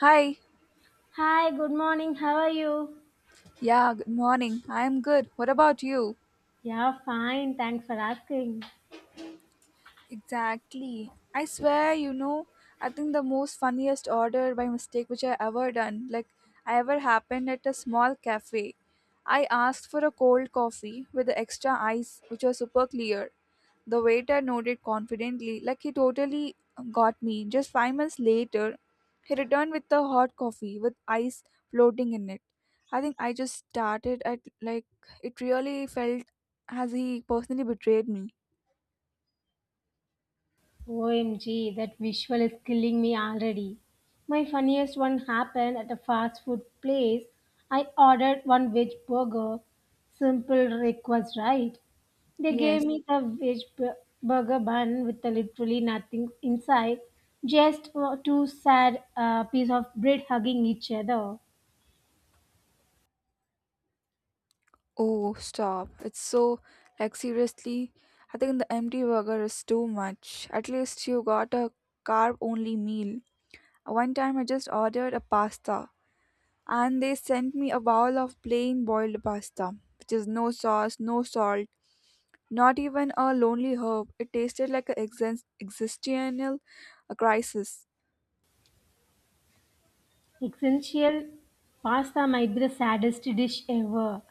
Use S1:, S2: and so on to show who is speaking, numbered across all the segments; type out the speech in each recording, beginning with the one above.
S1: Hi.
S2: Hi, good morning. How are you?
S1: Yeah, good morning. I'm good. What about you?
S2: Yeah, fine. Thanks for asking.
S1: Exactly. I swear, you know, I think the most funniest order by mistake which I ever done, I ever happened at a small cafe. I asked for a cold coffee with the extra ice, which was super clear. The waiter nodded confidently, like he totally got me. Just 5 minutes later, he returned with the hot coffee with ice floating in it. I think I just started at like it really felt as he personally betrayed me.
S2: OMG, that visual is killing me already. My funniest one happened at a fast food place. I ordered one veg burger. Simple request, right? They gave
S1: Yes.
S2: me the burger bun with the literally nothing inside. Just two sad piece of bread hugging each other.
S1: Oh, stop. It's so, like, seriously, I think the empty burger is too much. At least you got a carb only meal. One time I just ordered a pasta and they sent me a bowl of plain boiled pasta, which is no sauce, no salt, not even a lonely herb. It tasted like an existential crisis.
S2: Essential pasta might be the saddest dish ever.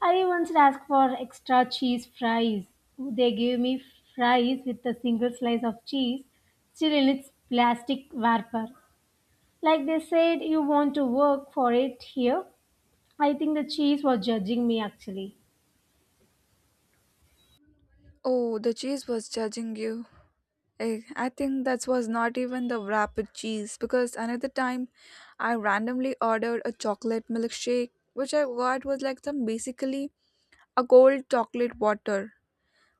S2: I once asked for extra cheese fries. They gave me fries with a single slice of cheese still in its plastic wrapper. Like they said, you want to work for it here. I think the cheese was judging me actually.
S1: Oh, the cheese was judging you. I think that was not even the wrapped cheese because another time I randomly ordered a chocolate milkshake, which I got was like some basically a cold chocolate water.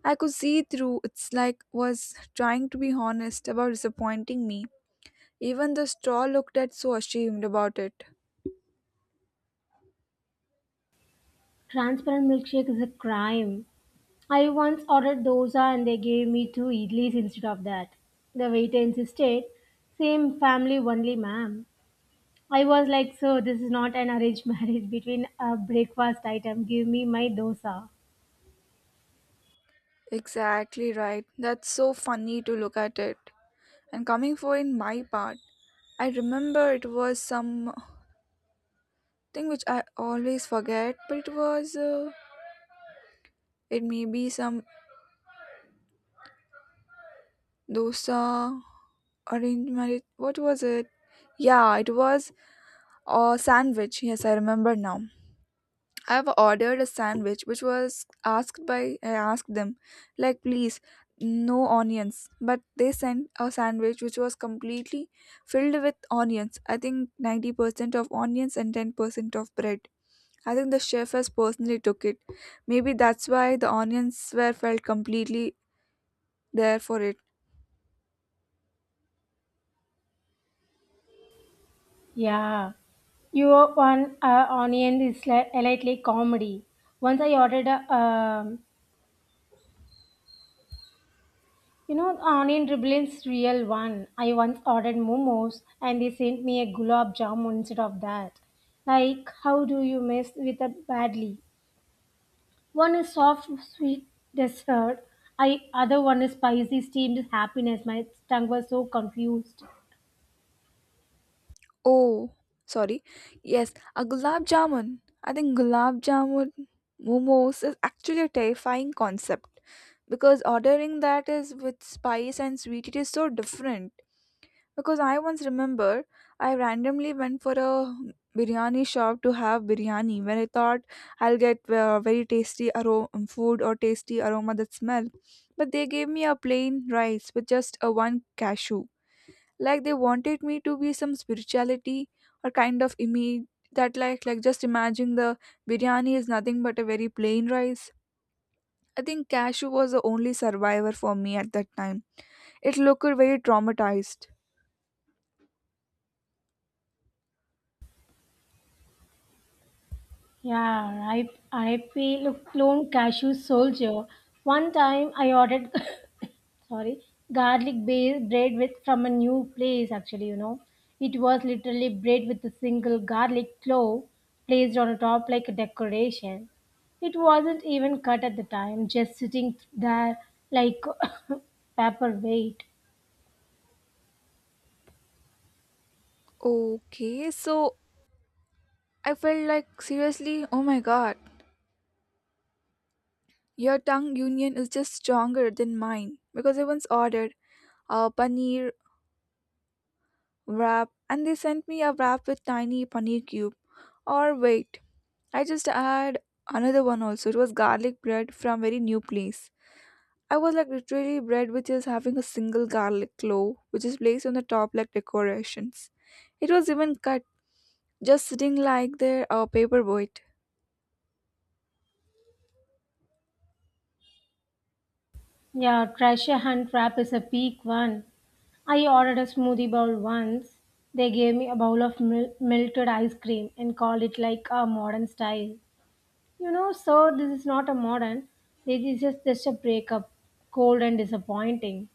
S1: I could see through it's like was trying to be honest about disappointing me. Even the straw looked at so ashamed about it.
S2: Transparent milkshake is a crime. I once ordered dosa and they gave me two idlis instead of that. The waiter insisted, same family only, ma'am. I was like, so this is not an arranged marriage between a breakfast item. Give me my dosa.
S1: Exactly right. That's so funny to look at it. And coming for in my part, I remember it was some thing which I always forget, but it was it may be some dosa, arranged marriage. What was it? Yeah, it was a sandwich. Yes, I remember now. I've ordered a sandwich which was asked by I asked them like please no onions, but they sent a sandwich which was completely filled with onions. I think 90% of onions and 10% of bread. I think the chef has personally took it, maybe that's why the onions were felt completely there for it.
S2: Yeah. Your one onion is lightly comedy. Once I ordered a, onion dribbling's real one. I once ordered momos and they sent me a gulab jamun instead of that. Like, how do you mess with it badly? One is soft, sweet dessert. I other one is spicy steamed happiness. My tongue was so confused.
S1: Oh, sorry. Yes, a gulab jamun. I think gulab jamun momos is actually a terrifying concept because ordering that is with spice and sweet it is so different. Because I once remember I randomly went for a biryani shop to have biryani when I thought I'll get very tasty aroma food or tasty aroma that smell, but they gave me a plain rice with just a one cashew like they wanted me to be some spirituality or kind of image that like just imagine the biryani is nothing but a very plain rice. I think cashew was the only survivor for me at that time. It looked very traumatized.
S2: Yeah, I right. RIP, look, clone cashew soldier. One time I ordered, sorry, garlic based bread with from a new place. Actually, you know, it was literally bread with a single garlic clove placed on top like a decoration. It wasn't even cut at the time, just sitting there like paperweight.
S1: Okay, so I felt like seriously, oh my god, your tongue union is just stronger than mine because I once ordered a paneer wrap and they sent me a wrap with tiny paneer cube. Or wait, I just had another one also. It was garlic bread from very new place. I was like literally bread which is having a single garlic clove which is placed on the top like decorations. It was even cut, just sitting like their paper boat.
S2: Yeah, treasure hunt wrap is a peak one. I ordered a smoothie bowl once. They gave me a bowl of melted ice cream and called it like a modern style. You know, so this is not a modern. This is just a breakup, cold and disappointing.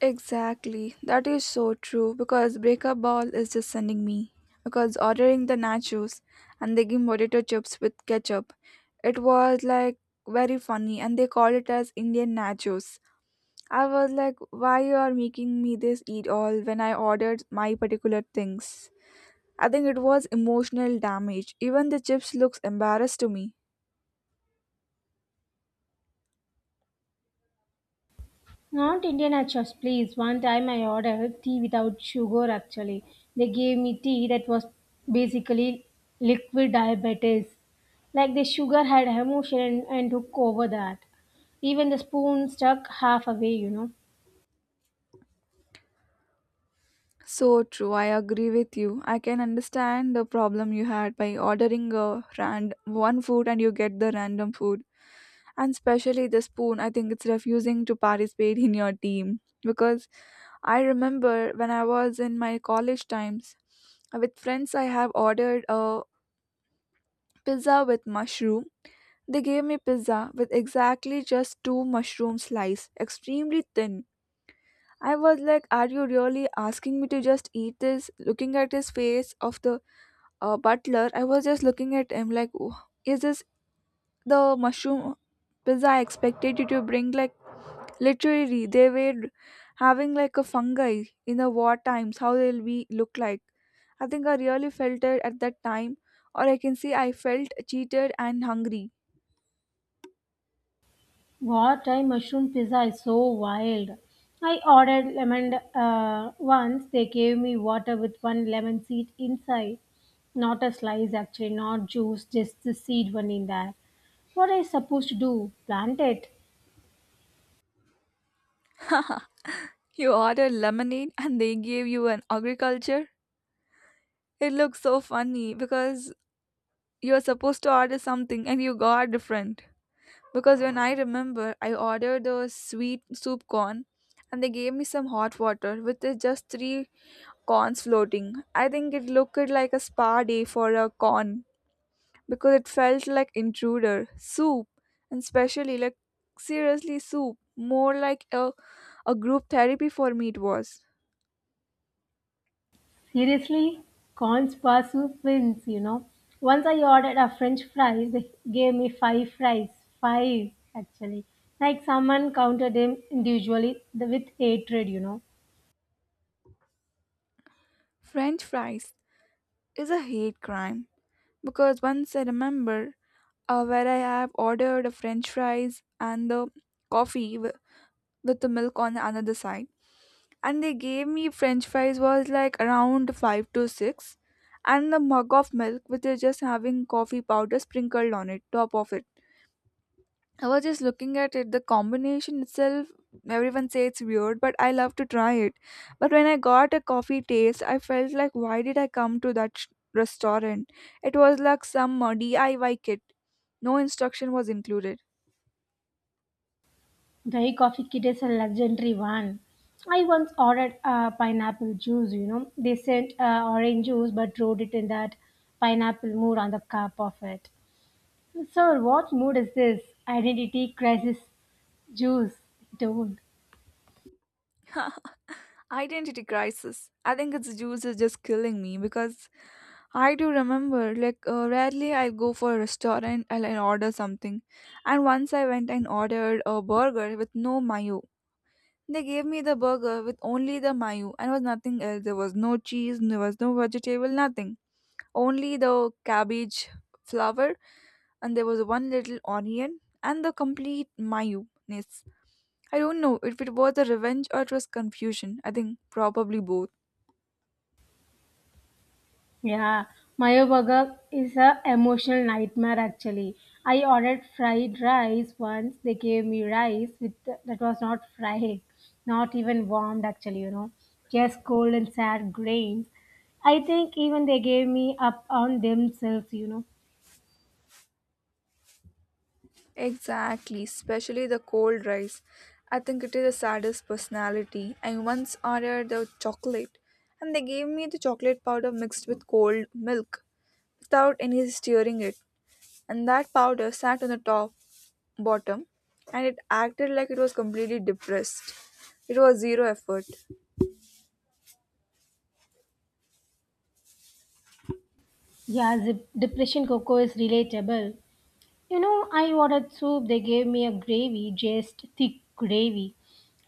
S1: Exactly. That is so true because breakup ball is just sending me. Because ordering the nachos and they give potato chips with ketchup. It was like very funny and they called it as Indian nachos. I was like, why you are making me this eat all when I ordered my particular things? I think it was emotional damage. Even the chips looks embarrassed to me.
S2: Not Indian achas, please. One time I ordered tea without sugar actually. They gave me tea that was basically liquid diabetes. Like the sugar had emotion and took over that. Even the spoon stuck half away, you know.
S1: So true, I agree with you. I can understand the problem you had by ordering a rand one food and you get the random food. And especially the spoon, I think it's refusing to participate in your team. Because I remember when I was in my college times, with friends I have ordered a pizza with mushroom. They gave me pizza with exactly just two mushroom slices, extremely thin. I was like, "Are you really asking me to just eat this?" Looking at his face of the butler, I was just looking at him like, "Oh, is this the mushroom pizza I expected you to bring?" Like literally, they were having like a fungi in the war times. How they'll be look like? I think I really felt it at that time, or I can say I felt cheated and hungry.
S2: Wartime mushroom pizza is so wild. I ordered lemon once. They gave me water with one lemon seed inside. Not a slice, actually, not juice, just the seed one in there. What are you supposed to do? Plant it?
S1: You ordered lemonade and they gave you an agriculture? It looks so funny because you're supposed to order something and you got different. Because when I remember, I ordered the sweet soup corn and they gave me some hot water with the just three corns floating. I think it looked like a spa day for a corn because it felt like intruder, soup, and especially like seriously soup, more like a group therapy for me it was.
S2: Seriously? Corn spa soup wins, you know. Once I ordered a French fries, they gave me five fries. Five, actually. Like someone counted them individually with hatred, you know.
S1: French fries is a hate crime because once I remember where I have ordered a french fries and the coffee w- with the milk on another side, and they gave me french fries was like around 5 to 6 and the mug of milk with just having coffee powder sprinkled on it top of it. I was just looking at it, the combination itself, everyone say it's weird, but I love to try it. But when I got a coffee taste, I felt like, why did I come to that restaurant? It was like some DIY kit. No instruction was included.
S2: Dahi coffee kit is a legendary one. I once ordered pineapple juice, you know. They sent orange juice but wrote it in that pineapple mood on the cup of it. Sir, what mood is this? Identity crisis juice. Don't.
S1: Identity crisis. I think its juice is just killing me because I do remember, like, rarely I'll go for a restaurant and I'll order something. And once I went and ordered a burger with no mayo. They gave me the burger with only the mayo and was nothing else. There was no cheese, there was no vegetable, nothing. Only the cabbage flour, and there was one little onion and the complete mayo. I don't know if it was a revenge or it was confusion. I think probably both.
S2: Yeah, Mayo Burger is a emotional nightmare actually. I ordered fried rice once. They gave me rice with that was not fried, not even warmed actually, you know, just cold and sad grains. I think even they gave me up on themselves, you know.
S1: Exactly, especially the cold rice. I think it is the saddest personality. I once ordered the chocolate and they gave me the chocolate powder mixed with cold milk without any stirring it. And that powder sat on the top bottom and it acted like it was completely depressed. It was zero effort.
S2: Yeah, the depression cocoa is relatable. You know, I ordered soup. They gave me a gravy, just thick gravy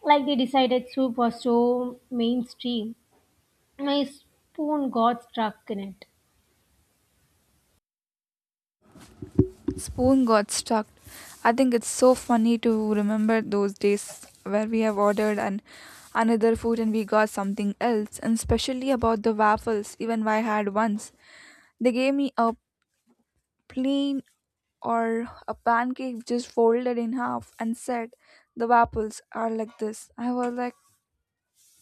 S2: like they decided soup was so mainstream. My spoon got stuck in it.
S1: Spoon got stuck. I think it's so funny to remember those days where we have ordered an another food and we got something else, and especially about the waffles even I had once. They gave me a plain or a pancake just folded in half and said the waffles are like this. I was like,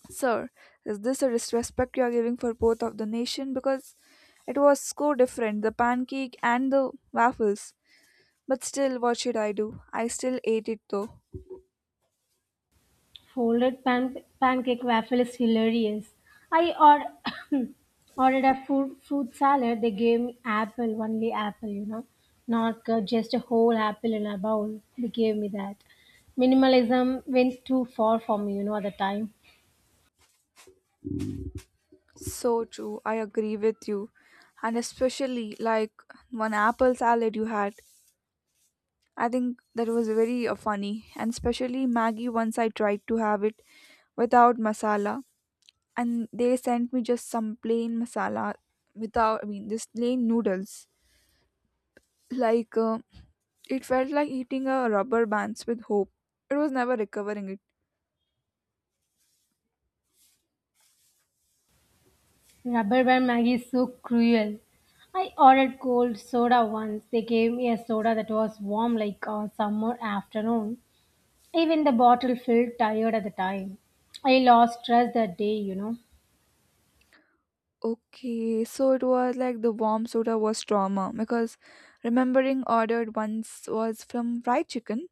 S1: sir, is this a disrespect you are giving for both of the nation? Because it was so different, the pancake and the waffles. But still, what should I do? I still ate it though.
S2: Folded pancake waffle is hilarious. I or- ordered a fruit salad. They gave me apple, only apple, you know, not just a whole apple in a bowl. They gave me that. Minimalism went too far for me, you know, at the time.
S1: So true, I agree with you. And especially like one apple salad you had. I think that was very funny. And especially Maggie, once I tried to have it without masala. And they sent me just some plain masala without, I mean, just plain noodles. Like, uh, it felt like eating a rubber bands with hope. It was never recovering it.
S2: Rubber band Maggie is so cruel. I ordered cold soda once. They gave me a soda that was warm like a summer afternoon. Even the bottle felt tired at the time. I lost stress that day, you know.
S1: Okay, so it was like the warm soda was trauma because remembering ordered once was from fried chicken,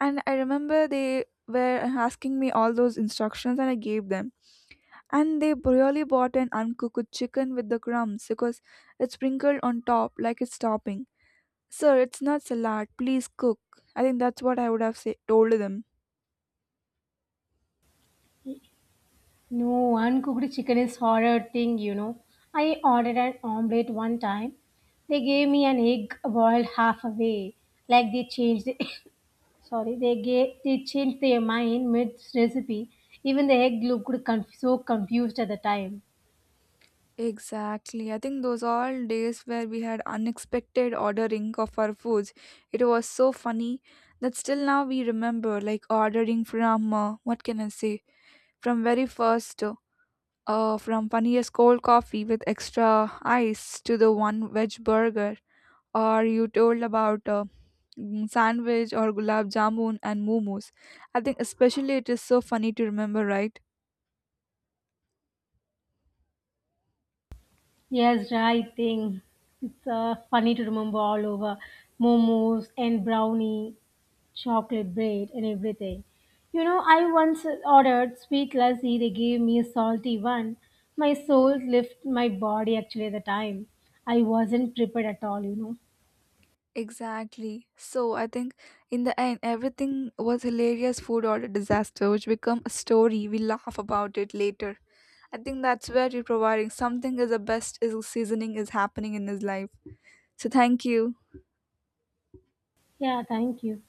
S1: and I remember they were asking me all those instructions, and I gave them. And they really bought an uncooked chicken with the crumbs because it's sprinkled on top like it's topping. Sir, it's not salad. Please cook. I think that's what I would have told them.
S2: No, uncooked chicken is horror thing, you know. I ordered an omelette one time. They gave me an egg boiled half away. Like they changed the sorry, they changed their mind mid recipe. Even the egg looked so confused at the time.
S1: Exactly. I think those all days where we had unexpected ordering of our foods, it was so funny that still now we remember like ordering from what can I say, from very first from funniest cold coffee with extra ice to the one veg burger or you told about sandwich or gulab jamun and momos. I think especially it is so funny to remember, right?
S2: Yes, right thing. It's funny to remember all over momos and brownie, chocolate bread, and everything. You know, I once ordered sweet lassi. They gave me a salty one. My soul left my body actually at the time. I wasn't prepared at all. You know.
S1: Exactly. So I think in the end, everything was hilarious food order disaster, which become a story. We laugh about it later. I think that's where you're providing something is the best is seasoning is happening in his life. So thank you.
S2: Yeah. Thank you.